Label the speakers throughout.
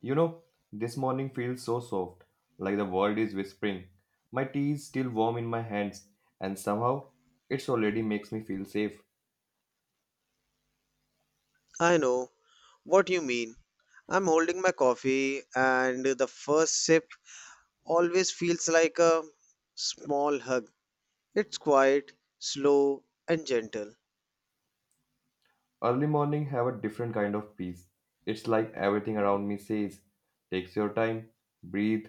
Speaker 1: You know, this morning feels so soft, like the world is whispering. My tea is still warm in my hands, and somehow it's already makes me feel safe.
Speaker 2: I know what you mean. I'm holding my coffee, and the first sip always feels like a small hug. It's quiet, slow, and gentle.
Speaker 1: Early morning have a different kind of peace. It's like everything around me says, takes your time, breathe,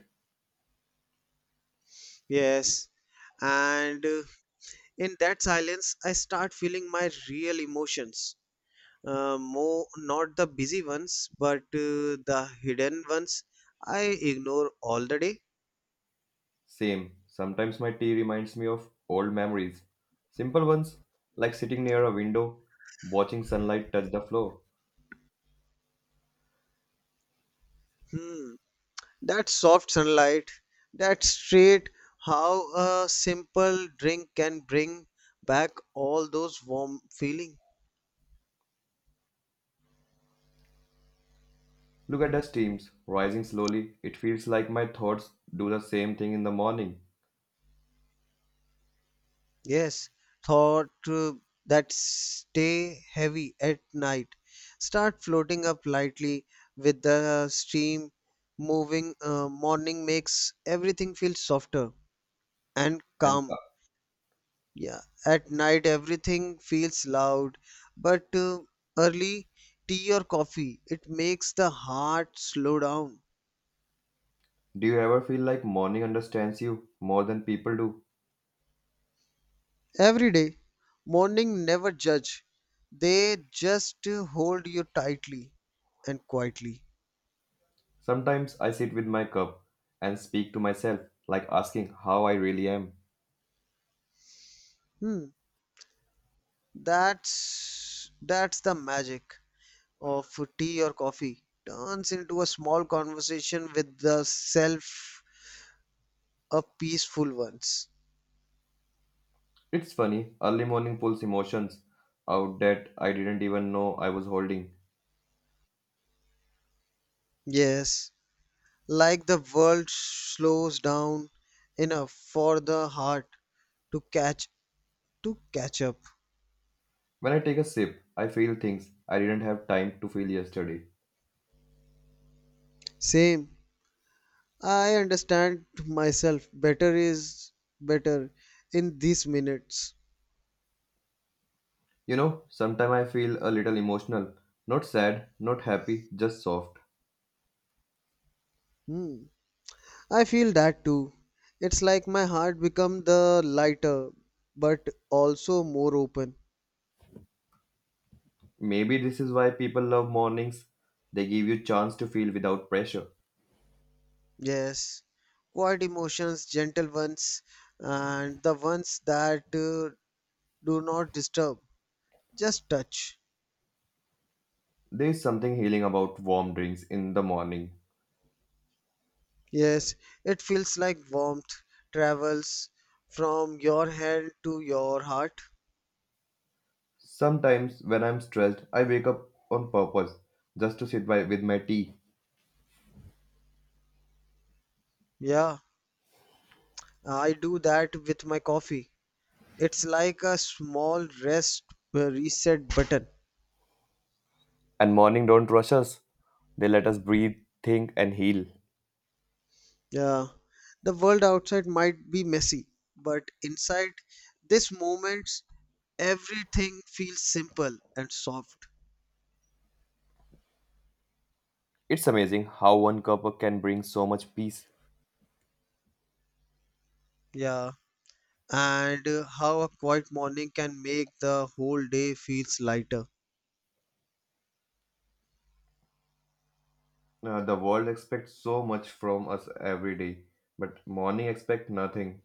Speaker 2: Yes, and in that silence, I start feeling my real emotions. More not the busy ones, but the hidden ones I ignore all the day.
Speaker 1: same. Sometimes my tea reminds me of old memories. Simple ones, like sitting near a window, watching sunlight touch the floor.
Speaker 2: Hmm. That soft sunlight, that straight how a simple drink can bring back all those warm feeling.
Speaker 1: Look at the steams rising slowly. It feels like my thoughts do the same thing in the morning
Speaker 2: Yes, thought that stay heavy at night. Start floating up lightly with the stream moving. Morning makes everything feel softer and
Speaker 1: and
Speaker 2: calm. Yeah, at night everything feels loud, but early tea or coffee, it makes the heart slow down.
Speaker 1: Do you ever feel like morning understands you more than people do?
Speaker 2: Every day, morning never judge. They just hold you tightly and quietly.
Speaker 1: Sometimes I sit with my cup and speak to myself, like asking how I really am.
Speaker 2: Hmm, that's the magic of tea or coffee. Turns into a small conversation with the self, a peaceful ones.
Speaker 1: It's funny, early morning pulls emotions out that I didn't even know I was holding.
Speaker 2: Yes, like the world slows down enough for the heart to catch to catch up.
Speaker 1: When I take a sip, I feel things I didn't have time to feel yesterday.
Speaker 2: Same. I understand myself better is better in these minutes.
Speaker 1: You know, sometimes I feel a little emotional, not sad, not happy, just soft.
Speaker 2: Hmm. I feel that too. It's like my heart become the lighter, but also more open.
Speaker 1: Maybe this is why people love mornings. They give you chance to feel without pressure.
Speaker 2: Yes, quiet emotions, gentle ones, and the ones that do not disturb, just touch.
Speaker 1: There's something healing about warm drinks in the morning.
Speaker 2: Yes, it feels like warmth travels from your hand to your heart.
Speaker 1: Sometimes, when I'm stressed, I wake up on purpose just to sit by with my tea.
Speaker 2: Yeah, I do that with my coffee. It's like a small rest reset button.
Speaker 1: And morning don't rush us. They let us breathe, think, and heal.
Speaker 2: Yeah, the world outside might be messy, but inside this moment, everything feels simple and soft.
Speaker 1: It's amazing how one cup can bring so much peace.
Speaker 2: Yeah, and how a quiet morning can make the whole day feels lighter.
Speaker 1: The world expects so much from us every day, but morning expect nothing.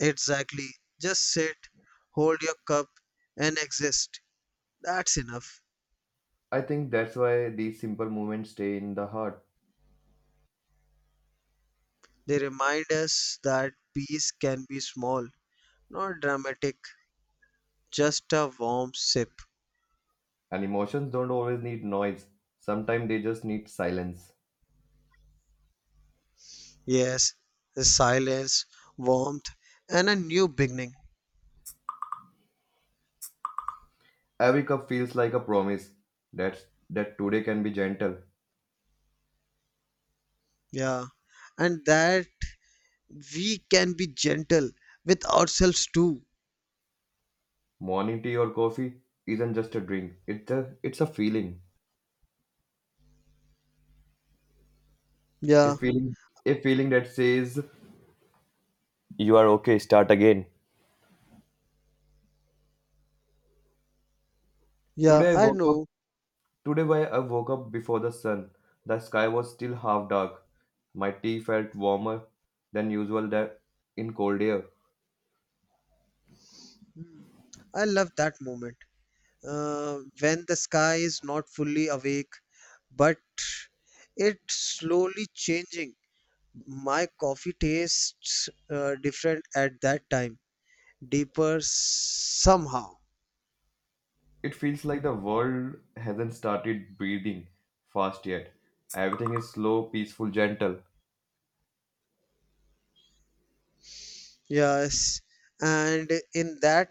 Speaker 2: Exactly. Just sit, hold your cup, and exist. That's enough.
Speaker 1: I think that's why these simple moments stay in the heart.
Speaker 2: They remind us that peace can be small, not dramatic, just a warm sip.
Speaker 1: And emotions don't always need noise. Sometimes they just need silence.
Speaker 2: Yes, the silence, warmth, and a new beginning.
Speaker 1: Every cup feels like a promise that's, that today can be gentle.
Speaker 2: Yeah, and that we can be gentle with ourselves too.
Speaker 1: Morning tea or coffee isn't just a drink. It's a feeling. A
Speaker 2: Yeah,
Speaker 1: feeling a feeling that says you are okay, start again.
Speaker 2: yeah,
Speaker 1: Today I
Speaker 2: I
Speaker 1: woke up
Speaker 2: know.
Speaker 1: today why I woke up before the sun. The sky was still half dark. My tea felt warmer than usual that in cold air.
Speaker 2: Hmm. I love that moment when the sky is not fully awake, but it's slowly changing. My coffee tastes different at that time, deeper somehow.
Speaker 1: It feels like the world hasn't started breathing fast yet. Everything is slow, peaceful, gentle.
Speaker 2: Yes, and in that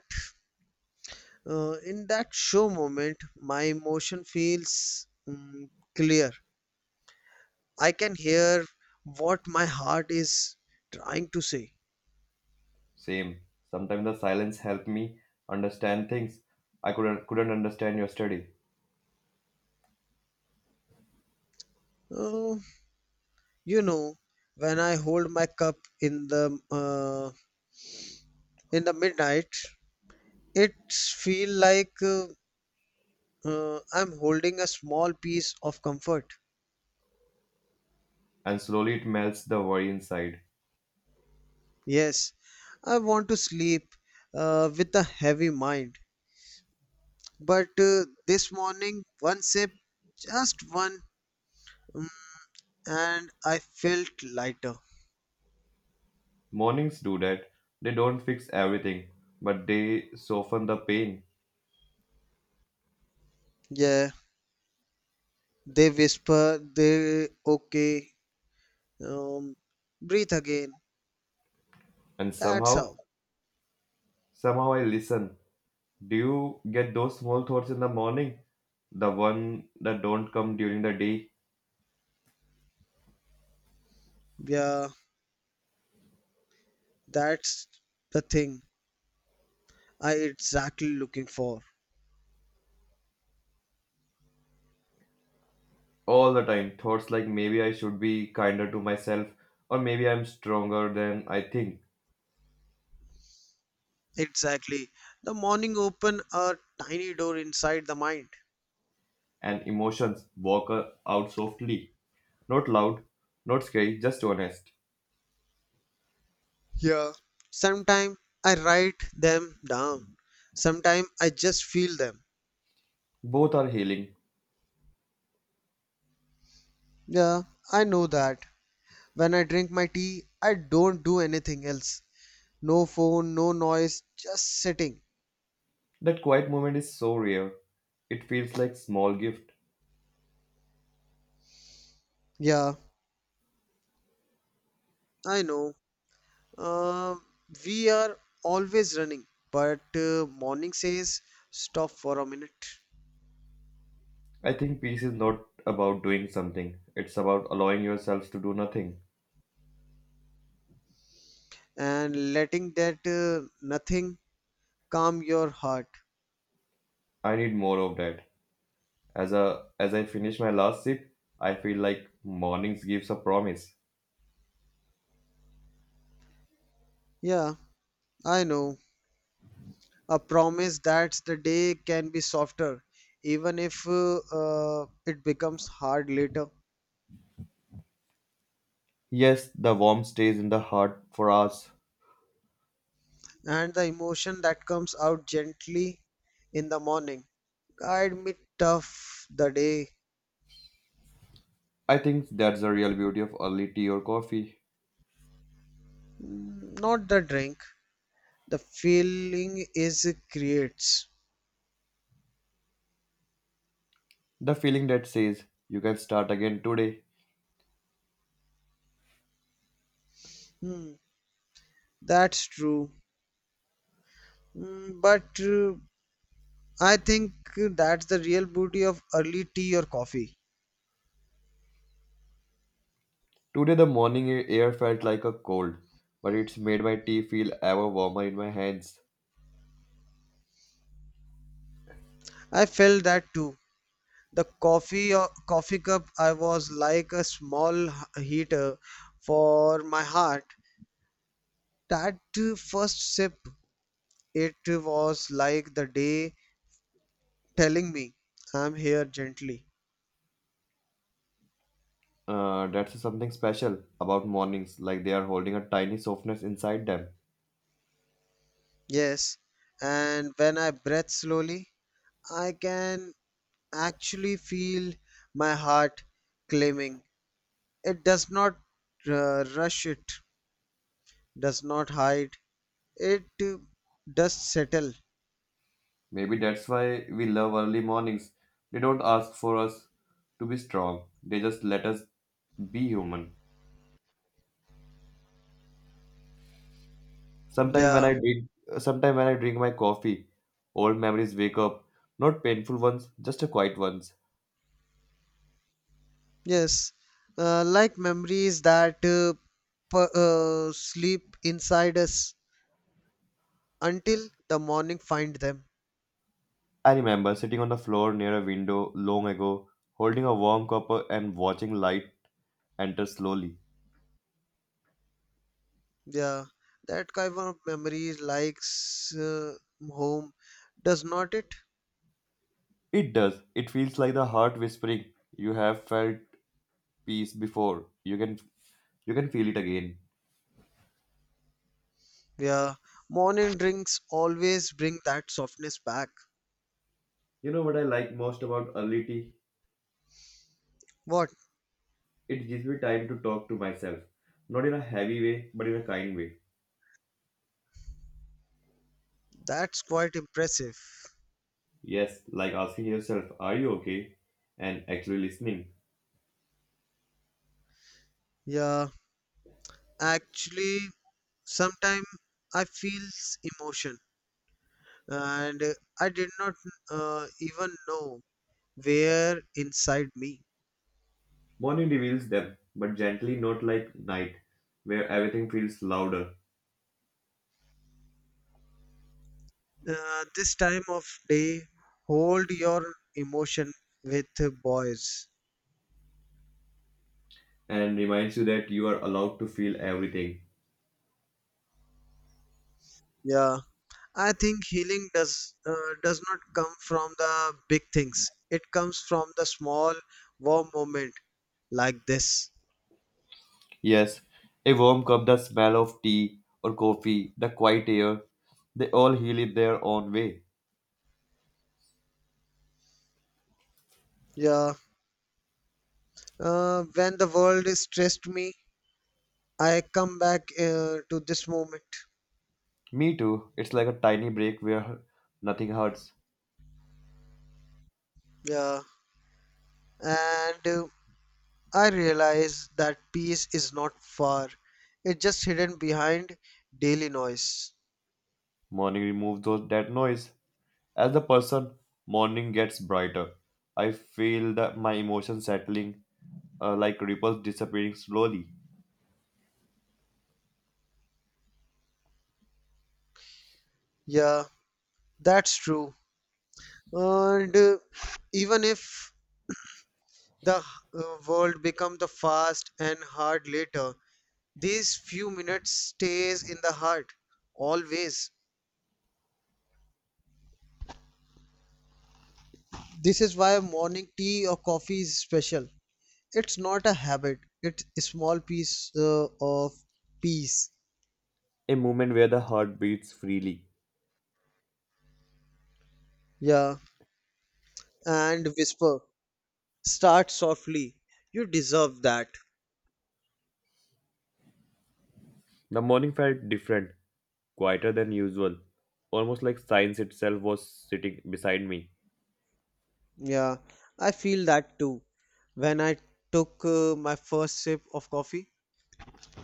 Speaker 2: uh, in that show moment, my emotion feels clear. I can hear what my heart is trying to say.
Speaker 1: Same. Sometimes the silence helped me understand things I couldn't understand yesterday,
Speaker 2: Oh, you know, when I hold my cup in the midnight, it feel like I'm holding a small piece of comfort.
Speaker 1: and slowly it melts the worry inside.
Speaker 2: Yes, I want to sleep with a heavy mind. But this morning, one sip, just one, mm, and I felt lighter.
Speaker 1: Mornings do that. They don't fix everything, but they soften the pain.
Speaker 2: Yeah, they whisper, they okay, um, breathe again.
Speaker 1: And
Speaker 2: That's
Speaker 1: somehow,
Speaker 2: how.
Speaker 1: somehow I listen. Do you get those small thoughts in the morning? The one that don't come during the day?
Speaker 2: Yeah, that's the thing I exactly looking for.
Speaker 1: All the time. Thoughts like maybe I should be kinder to myself, or maybe I'm stronger than I think.
Speaker 2: Exactly. The morning open a tiny door inside the mind.
Speaker 1: And emotions walk out softly. Not loud, not scary, just honest.
Speaker 2: Yeah. Sometimes I write them down. Sometimes I just feel them.
Speaker 1: Both are healing.
Speaker 2: Yeah, I know that. When I drink my tea, I don't do anything else. No phone, no noise, just sitting.
Speaker 1: That quiet moment is so rare. It feels like small gift.
Speaker 2: Yeah, I know. Uh, we are always running, but morning says stop for a minute
Speaker 1: I think peace is not about doing something. It's about allowing yourself to do nothing.
Speaker 2: and letting that nothing calm your heart.
Speaker 1: I need more of that. As I finish my last sip, I feel like mornings gives a promise.
Speaker 2: Yeah, I know. A promise that the day can be softer, even if it becomes hard later,
Speaker 1: Yes, the warmth stays in the heart for us.
Speaker 2: and the emotion that comes out gently in the morning guide me tough the day.
Speaker 1: I think that's the real beauty of early tea or coffee.
Speaker 2: Mm, not the drink, the feeling is it creates.
Speaker 1: The feeling that says you can start again today.
Speaker 2: Hmm, that's true. Mm, but I think that's the real beauty of early tea or coffee.
Speaker 1: Today, the morning air felt like a cold, but it's made my tea feel ever warmer in my hands.
Speaker 2: I felt that too. The coffee cup I was like a small heater for my heart. That first sip, it was like the day telling me, "I'm here gently."
Speaker 1: That's something special about mornings, like they are holding a tiny softness inside them.
Speaker 2: Yes, and when I breathe slowly, I can actually feel my heart claiming. It does not rush. It does not hide. It does settle.
Speaker 1: Maybe that's why we love early mornings. They don't ask for us to be strong, they just let us be human. Sometimes when
Speaker 2: Yeah.
Speaker 1: I drink, sometime when I drink my coffee, old memories wake up. Not painful ones, just a quiet ones.
Speaker 2: Yes, like memories that sleep inside us until the morning find them.
Speaker 1: I remember sitting on the floor near a window long ago, holding a warm cup and watching light enter slowly.
Speaker 2: Yeah, that kind of memories likes home, does not it?
Speaker 1: It does. It feels like the heart whispering, "You have felt peace before. You can you can feel it again."
Speaker 2: Yeah, morning drinks always bring that softness back.
Speaker 1: You know what I like most about early tea?
Speaker 2: What?
Speaker 1: It gives me time to talk to myself, not in a heavy way, but in a kind way.
Speaker 2: That's quite impressive.
Speaker 1: Yes, like asking yourself, "Are you okay?" and actually listening.
Speaker 2: Yeah, actually, sometimes I feel emotion, and I did not even know were inside me.
Speaker 1: Morning reveals them, but gently, not like night, where everything feels louder.
Speaker 2: This time of day, hold your emotion with boys.
Speaker 1: And reminds you that you are allowed to feel everything.
Speaker 2: Yeah, I think healing does not come from the big things. It comes from the small, warm moment like this.
Speaker 1: Yes, a warm cup, the smell of tea or coffee, the quiet air, they all heal in their own way.
Speaker 2: Yeah, when the world stressed me, I come back to this moment.
Speaker 1: Me too. It's like a tiny break where nothing hurts.
Speaker 2: Yeah, and I realize that peace is not far, it's just hidden behind daily noise.
Speaker 1: Morning removes those, that noise. As the person, morning gets brighter. I feel that my emotions settling, like ripples disappearing slowly.
Speaker 2: Yeah, that's true. And even if the uh, world becomes the fast and hard later, these few minutes stays in the heart always. This is why morning tea or coffee is special. It's not a habit. It's a small piece of peace.
Speaker 1: A moment where the heart beats freely.
Speaker 2: Yeah, and whisper. Start softly. You deserve that.
Speaker 1: The morning felt different, quieter than usual, almost like science itself was sitting beside me.
Speaker 2: Yeah, I feel that too. When I took my first sip of coffee,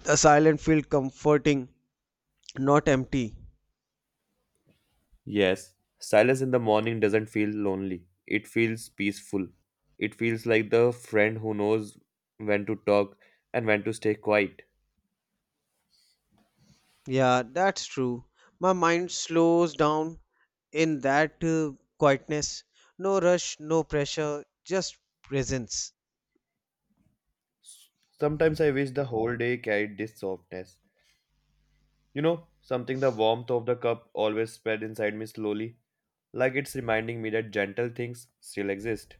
Speaker 2: the silence felt comforting, not empty.
Speaker 1: Yes, silence in the morning doesn't feel lonely, it feels peaceful. It feels like the friend who knows when to talk and when to stay quiet.
Speaker 2: Yeah, that's true. My mind slows down in that quietness. No rush, no pressure, just presence.
Speaker 1: Sometimes I wish the whole day carried this softness. You know, something the warmth of the cup always spread inside me slowly, like it's reminding me that gentle things still exist.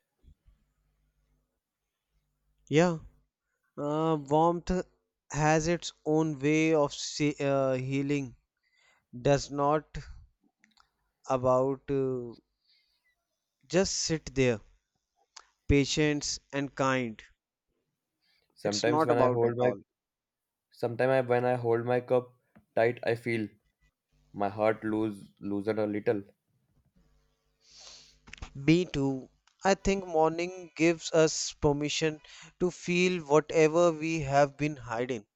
Speaker 2: Yeah, warmth has its own way of healing. Does not about just sit there. Patience, and kind. It's
Speaker 1: Sometimes
Speaker 2: not
Speaker 1: when I
Speaker 2: about
Speaker 1: hold
Speaker 2: it
Speaker 1: my
Speaker 2: all.
Speaker 1: sometimes when I hold my cup tight, I feel my heart loosened a little,
Speaker 2: Me too. I think morning gives us permission to feel whatever we have been hiding.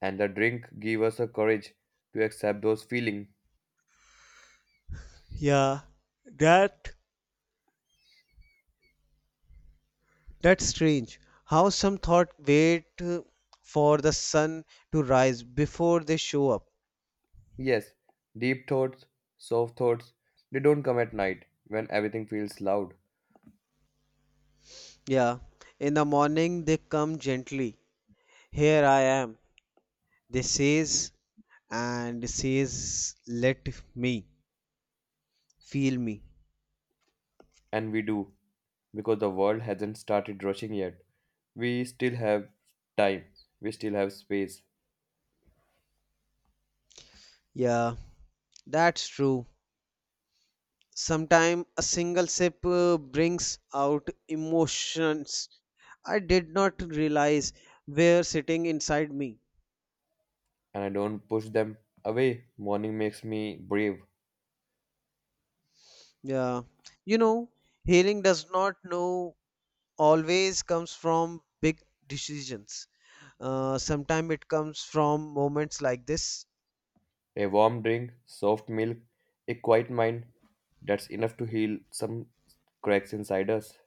Speaker 1: and the drink gave us a courage to accept those feelings.
Speaker 2: Yeah, that that's strange. How some thought wait for the sun to rise before they show up.
Speaker 1: Yes, deep thoughts, soft thoughts, they don't come at night when everything feels loud.
Speaker 2: Yeah, in the morning they come gently. Here I am. They says and says let me feel me.
Speaker 1: And we do, because the world hasn't started rushing yet. We still have time, we still have space,
Speaker 2: Yeah, that's true. Sometimes a single sip brings out emotions I did not realize were sitting inside me.
Speaker 1: and I don't push them away. Morning makes me brave.
Speaker 2: Yeah. You know, healing does not know always comes from big decisions. Sometimes it comes from moments like this.
Speaker 1: A warm drink, soft milk, a quiet mind, that's enough to heal some cracks inside us.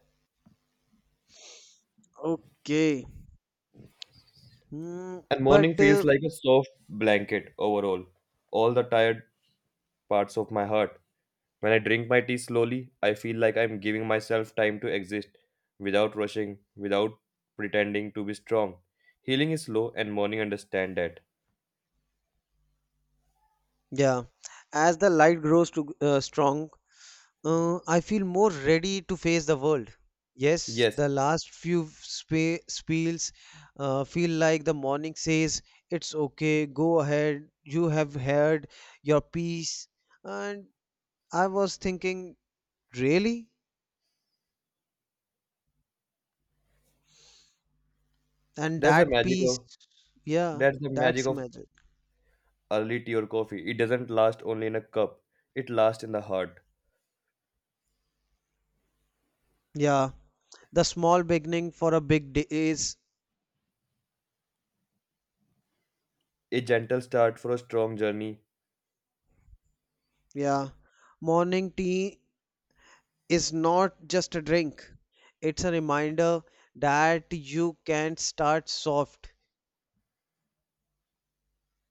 Speaker 2: Okay. Mm,
Speaker 1: And morning
Speaker 2: but
Speaker 1: feels like a soft blanket overall, all the tired parts of my heart. When I drink my tea slowly, I feel like I'm giving myself time to exist without rushing, without pretending to be strong. Healing is slow and morning understand that.
Speaker 2: yeah, as the light grows to, strong, I feel more ready to face the world. Yes,
Speaker 1: Yes,
Speaker 2: the last few spiels feel like the morning says, it's okay, go ahead, you have heard your piece. And I was thinking, really? And
Speaker 1: that's the
Speaker 2: that
Speaker 1: magic
Speaker 2: piece,
Speaker 1: of
Speaker 2: yeah,
Speaker 1: that's the
Speaker 2: that's
Speaker 1: magic
Speaker 2: the
Speaker 1: of
Speaker 2: magic.
Speaker 1: early tea or coffee. It doesn't last only in a cup. It lasts in the heart.
Speaker 2: Yeah, the small beginning for a big day is,
Speaker 1: A gentle start for a strong journey.
Speaker 2: yeah, morning tea is not just a drink. It's a reminder that you can start soft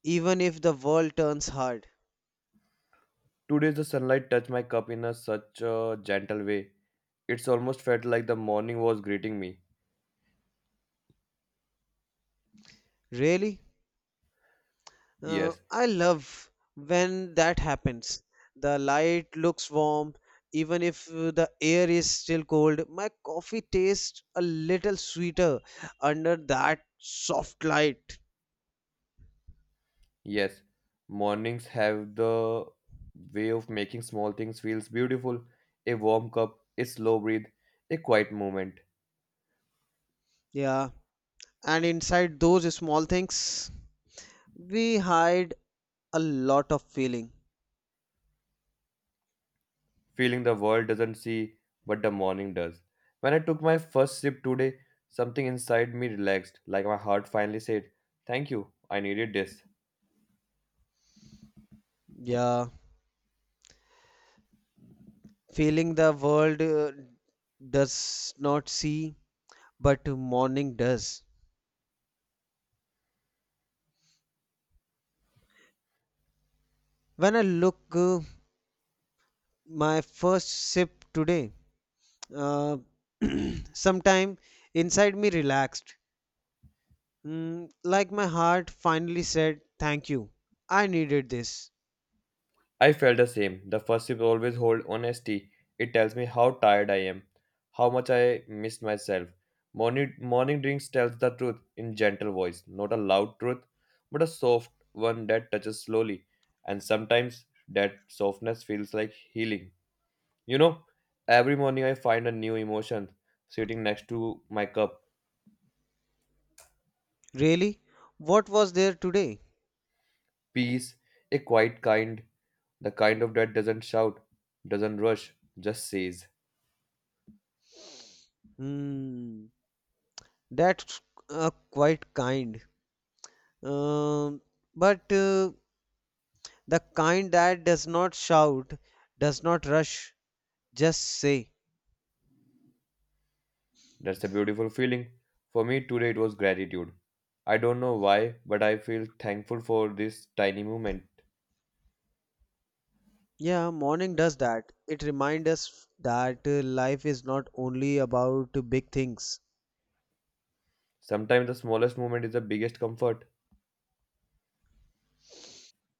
Speaker 2: even if the world turns hard.
Speaker 1: Today the sunlight touched my cup in a such a gentle way. It's almost felt like the morning was greeting me.
Speaker 2: Really?
Speaker 1: Yes,
Speaker 2: I love when that happens. The light looks warm even if the air is still cold. My coffee tastes a little sweeter under that soft light.
Speaker 1: yes. Mornings have the way of making small things feels beautiful. A warm cup, a slow breathe, a quiet moment.
Speaker 2: Yeah. And inside those small things, we hide a lot of feeling.
Speaker 1: Feeling the world doesn't see, but the morning does. When I took my first sip today, something inside me relaxed, like my heart finally said, thank you, I needed this.
Speaker 2: Yeah. Feeling the world does not see, but morning does. When I look my first sip today, uh, sometime inside me relaxed, like my heart finally said, "Thank you, I needed this."
Speaker 1: I felt the same. The first sip always hold honesty. It tells me how tired I am, how much I missed myself. Morning drinks tells the truth in gentle voice, not a loud truth, but a soft one that touches slowly. And sometimes that softness feels like healing. You know, every morning I find a new emotion sitting next to my cup.
Speaker 2: Really, what was there today?
Speaker 1: Peace, a quiet kind, the kind of that doesn't shout, doesn't rush, just says.
Speaker 2: Mm, that's uh, quite kind. Um, but the kind that does not shout, does not rush, just say,
Speaker 1: That's a beautiful feeling. For me, today it was gratitude. I don't know why, but I feel thankful for this tiny moment.
Speaker 2: yeah, morning does that. It reminds us that life is not only about big things.
Speaker 1: Sometimes the smallest moment is the biggest comfort.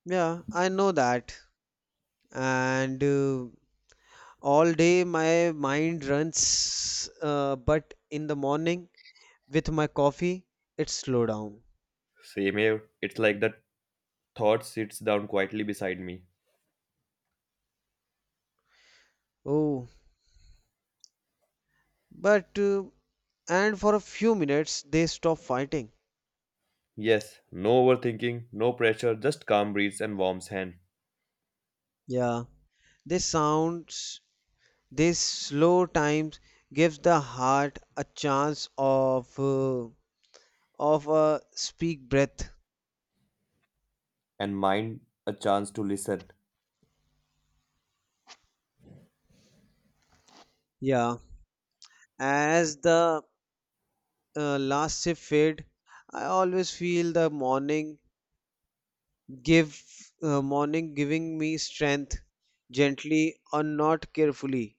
Speaker 2: Yeah, I know that. And all day my mind runs, but in the morning with my coffee, it slow down.
Speaker 1: Same here, it's like the thought sits down quietly beside me.
Speaker 2: Oh, but and for a few minutes they stop fighting.
Speaker 1: Yes, no overthinking, no pressure, just calm breeze and warm hand.
Speaker 2: Yeah, this sounds, this slow times gives the heart a chance of. Of a speak breath.
Speaker 1: And mind a chance to listen.
Speaker 2: Yeah. As the last shift fade, I always feel the give morning giving me strength gently or not carefully.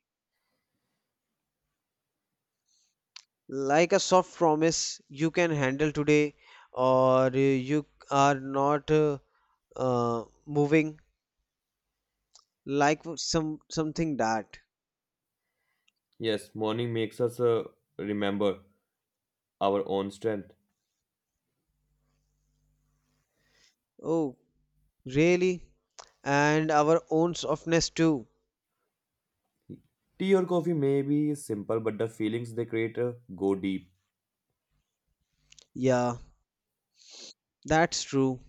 Speaker 2: Like a soft promise you can handle today or you are not moving like some something that.
Speaker 1: Yes, morning makes us remember our own strength.
Speaker 2: Oh, really? And our own softness too.
Speaker 1: Tea or coffee may be simple, but the feelings they create go deep.
Speaker 2: Yeah, that's true.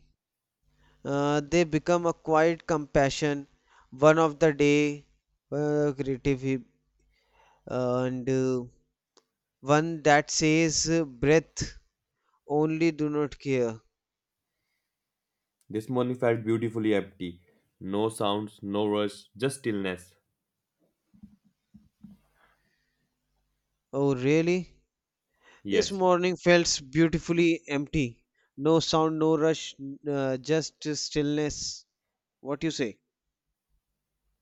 Speaker 2: They become a quiet compassion one of the day creative and one that says breath only do not care.
Speaker 1: This morning felt beautifully empty. No sounds, no rush, just stillness.
Speaker 2: Oh really, this
Speaker 1: Yes.
Speaker 2: morning felt beautifully empty, no sound, no rush, just stillness, what you say.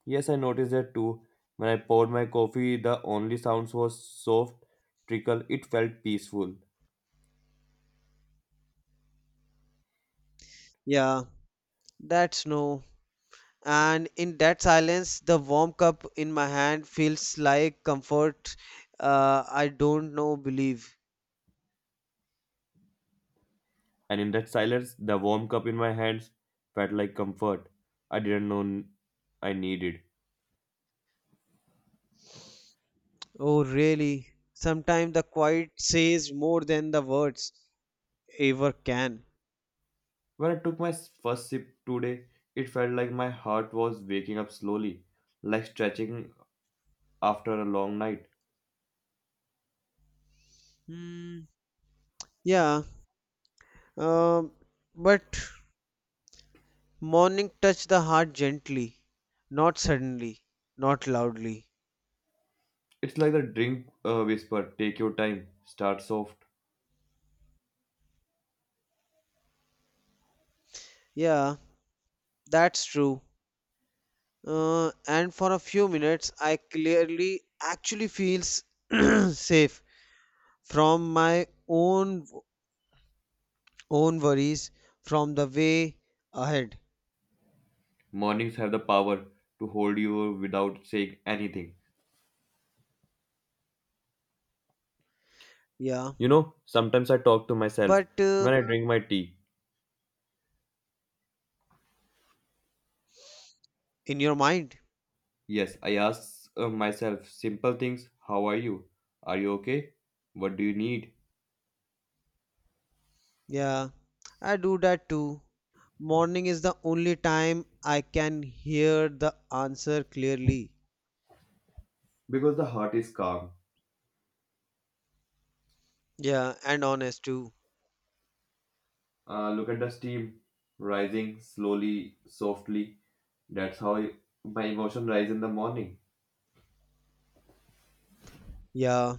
Speaker 1: Yes, I noticed that too. When I poured my coffee, the only sounds was soft trickle. It felt peaceful.
Speaker 2: Yeah, that's no, and in that silence the warm cup in my hand feels like comfort, I don't know believe.
Speaker 1: And in that silence, the warm cup in my hands felt like comfort. I didn't know I needed.
Speaker 2: Oh, really? Sometimes the quiet says more than the words ever can.
Speaker 1: When I took my first sip today, it felt like my heart was waking up slowly, like stretching after a long night.
Speaker 2: Hmm. Yeah. Um, but morning touch the heart gently, not suddenly, not loudly.
Speaker 1: It's like the drink whisper, take your time, start soft.
Speaker 2: Yeah, that's true. And for a few minutes, I clearly actually feels safe from my own own worries, from the way ahead.
Speaker 1: Mornings have the power to hold you without saying anything.
Speaker 2: Yeah.
Speaker 1: You know, sometimes I talk to myself
Speaker 2: But
Speaker 1: when I drink my tea.
Speaker 2: in your mind.
Speaker 1: Yes, I ask myself simple things. How are you? Are you okay? What do you need?
Speaker 2: Yeah, I do that too. Morning is the only time I can hear the answer clearly.
Speaker 1: Because the heart is calm.
Speaker 2: Yeah, and honest too.
Speaker 1: Look at the steam rising slowly, softly. That's how my emotion rise in the morning.
Speaker 2: Yeah,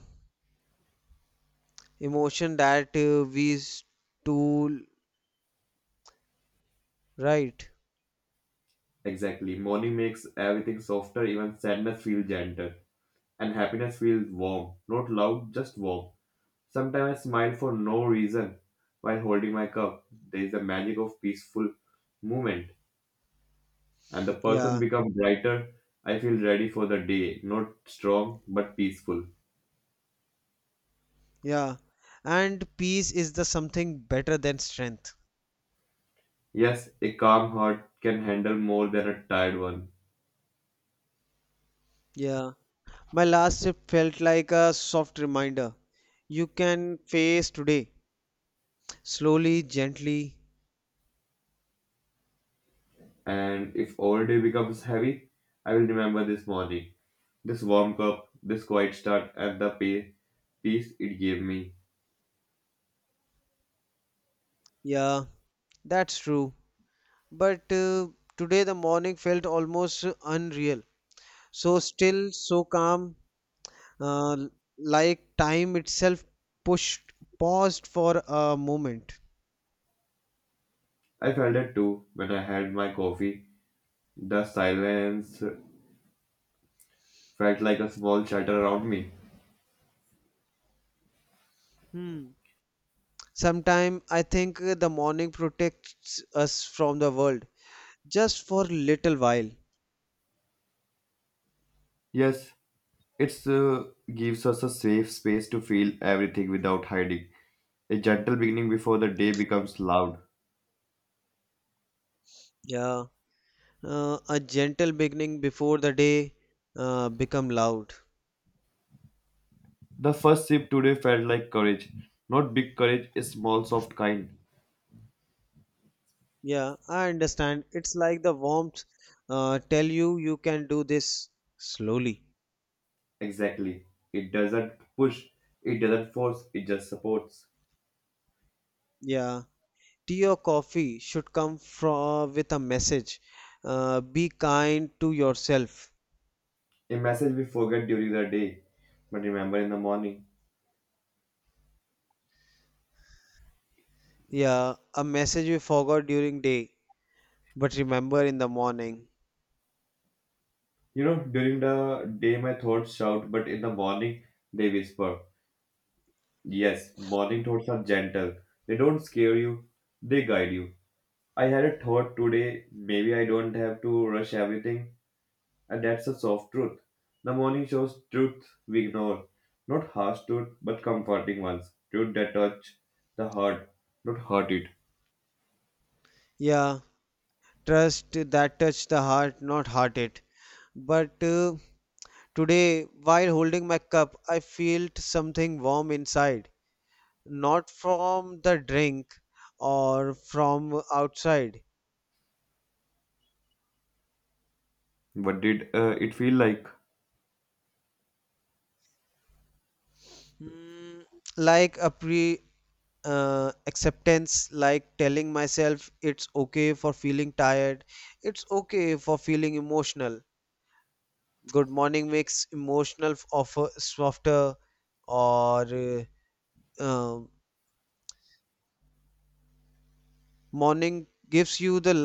Speaker 2: emotion that we stole, right?
Speaker 1: Exactly. Morning makes everything softer, even sadness feels gentle, and happiness feels warm. Not loud, just warm. Sometimes I smile for no reason while holding my cup. There is a magic of peaceful movement, and the person
Speaker 2: Yeah,
Speaker 1: becomes brighter. I feel ready for the day, not strong but peaceful.
Speaker 2: yeah. And peace is the something better than strength.
Speaker 1: Yes, a calm heart can handle more than a tired one.
Speaker 2: Yeah, my last sip felt like a soft reminder. You can face today, slowly, gently.
Speaker 1: And if all day becomes heavy, I will remember this morning, this warm cup, this quiet start, and the pay, peace it gave me.
Speaker 2: Yeah, that's true. But today the morning felt almost unreal. So still, so calm, uh, like time itself pushed paused for a moment.
Speaker 1: I felt it too when I had my coffee. The silence felt like a small shelter around me.
Speaker 2: Hmm. Sometime I think the morning protects us from the world just for little while.
Speaker 1: Yes, it gives us a safe space to feel everything without hiding. A gentle beginning before the day becomes loud.
Speaker 2: Yeah. A gentle beginning before the day become loud.
Speaker 1: The first sip today felt like courage. Not big courage, a small, soft kind.
Speaker 2: Yeah, I understand. It's like the warmth tell you you can do this slowly.
Speaker 1: Exactly. It doesn't push, it doesn't force, it just supports.
Speaker 2: Yeah, tea or coffee should come from with a message. Be kind to yourself.
Speaker 1: A message we forget during the day, but remember in the morning.
Speaker 2: Yeah, a message you forgot during day, but remember in the morning.
Speaker 1: You know, during the day my thoughts shout, but in the morning they whisper. Yes, morning thoughts are gentle. They don't scare you, they guide you. I had a thought today, maybe I don't have to rush everything, and that's a soft truth. The morning shows truth we ignore. Not harsh truth, but comforting ones. Truth that touch the heart, not hurt it.
Speaker 2: Yeah, trust that touch the heart, not heart it. But today, while holding my cup, I felt something warm inside, not from the drink or from outside.
Speaker 1: What did it feel like?
Speaker 2: Mm, like acceptance, like telling myself it's okay for feeling tired, it's okay for feeling emotional, good morning makes emotional f- of softer, or um, morning gives you the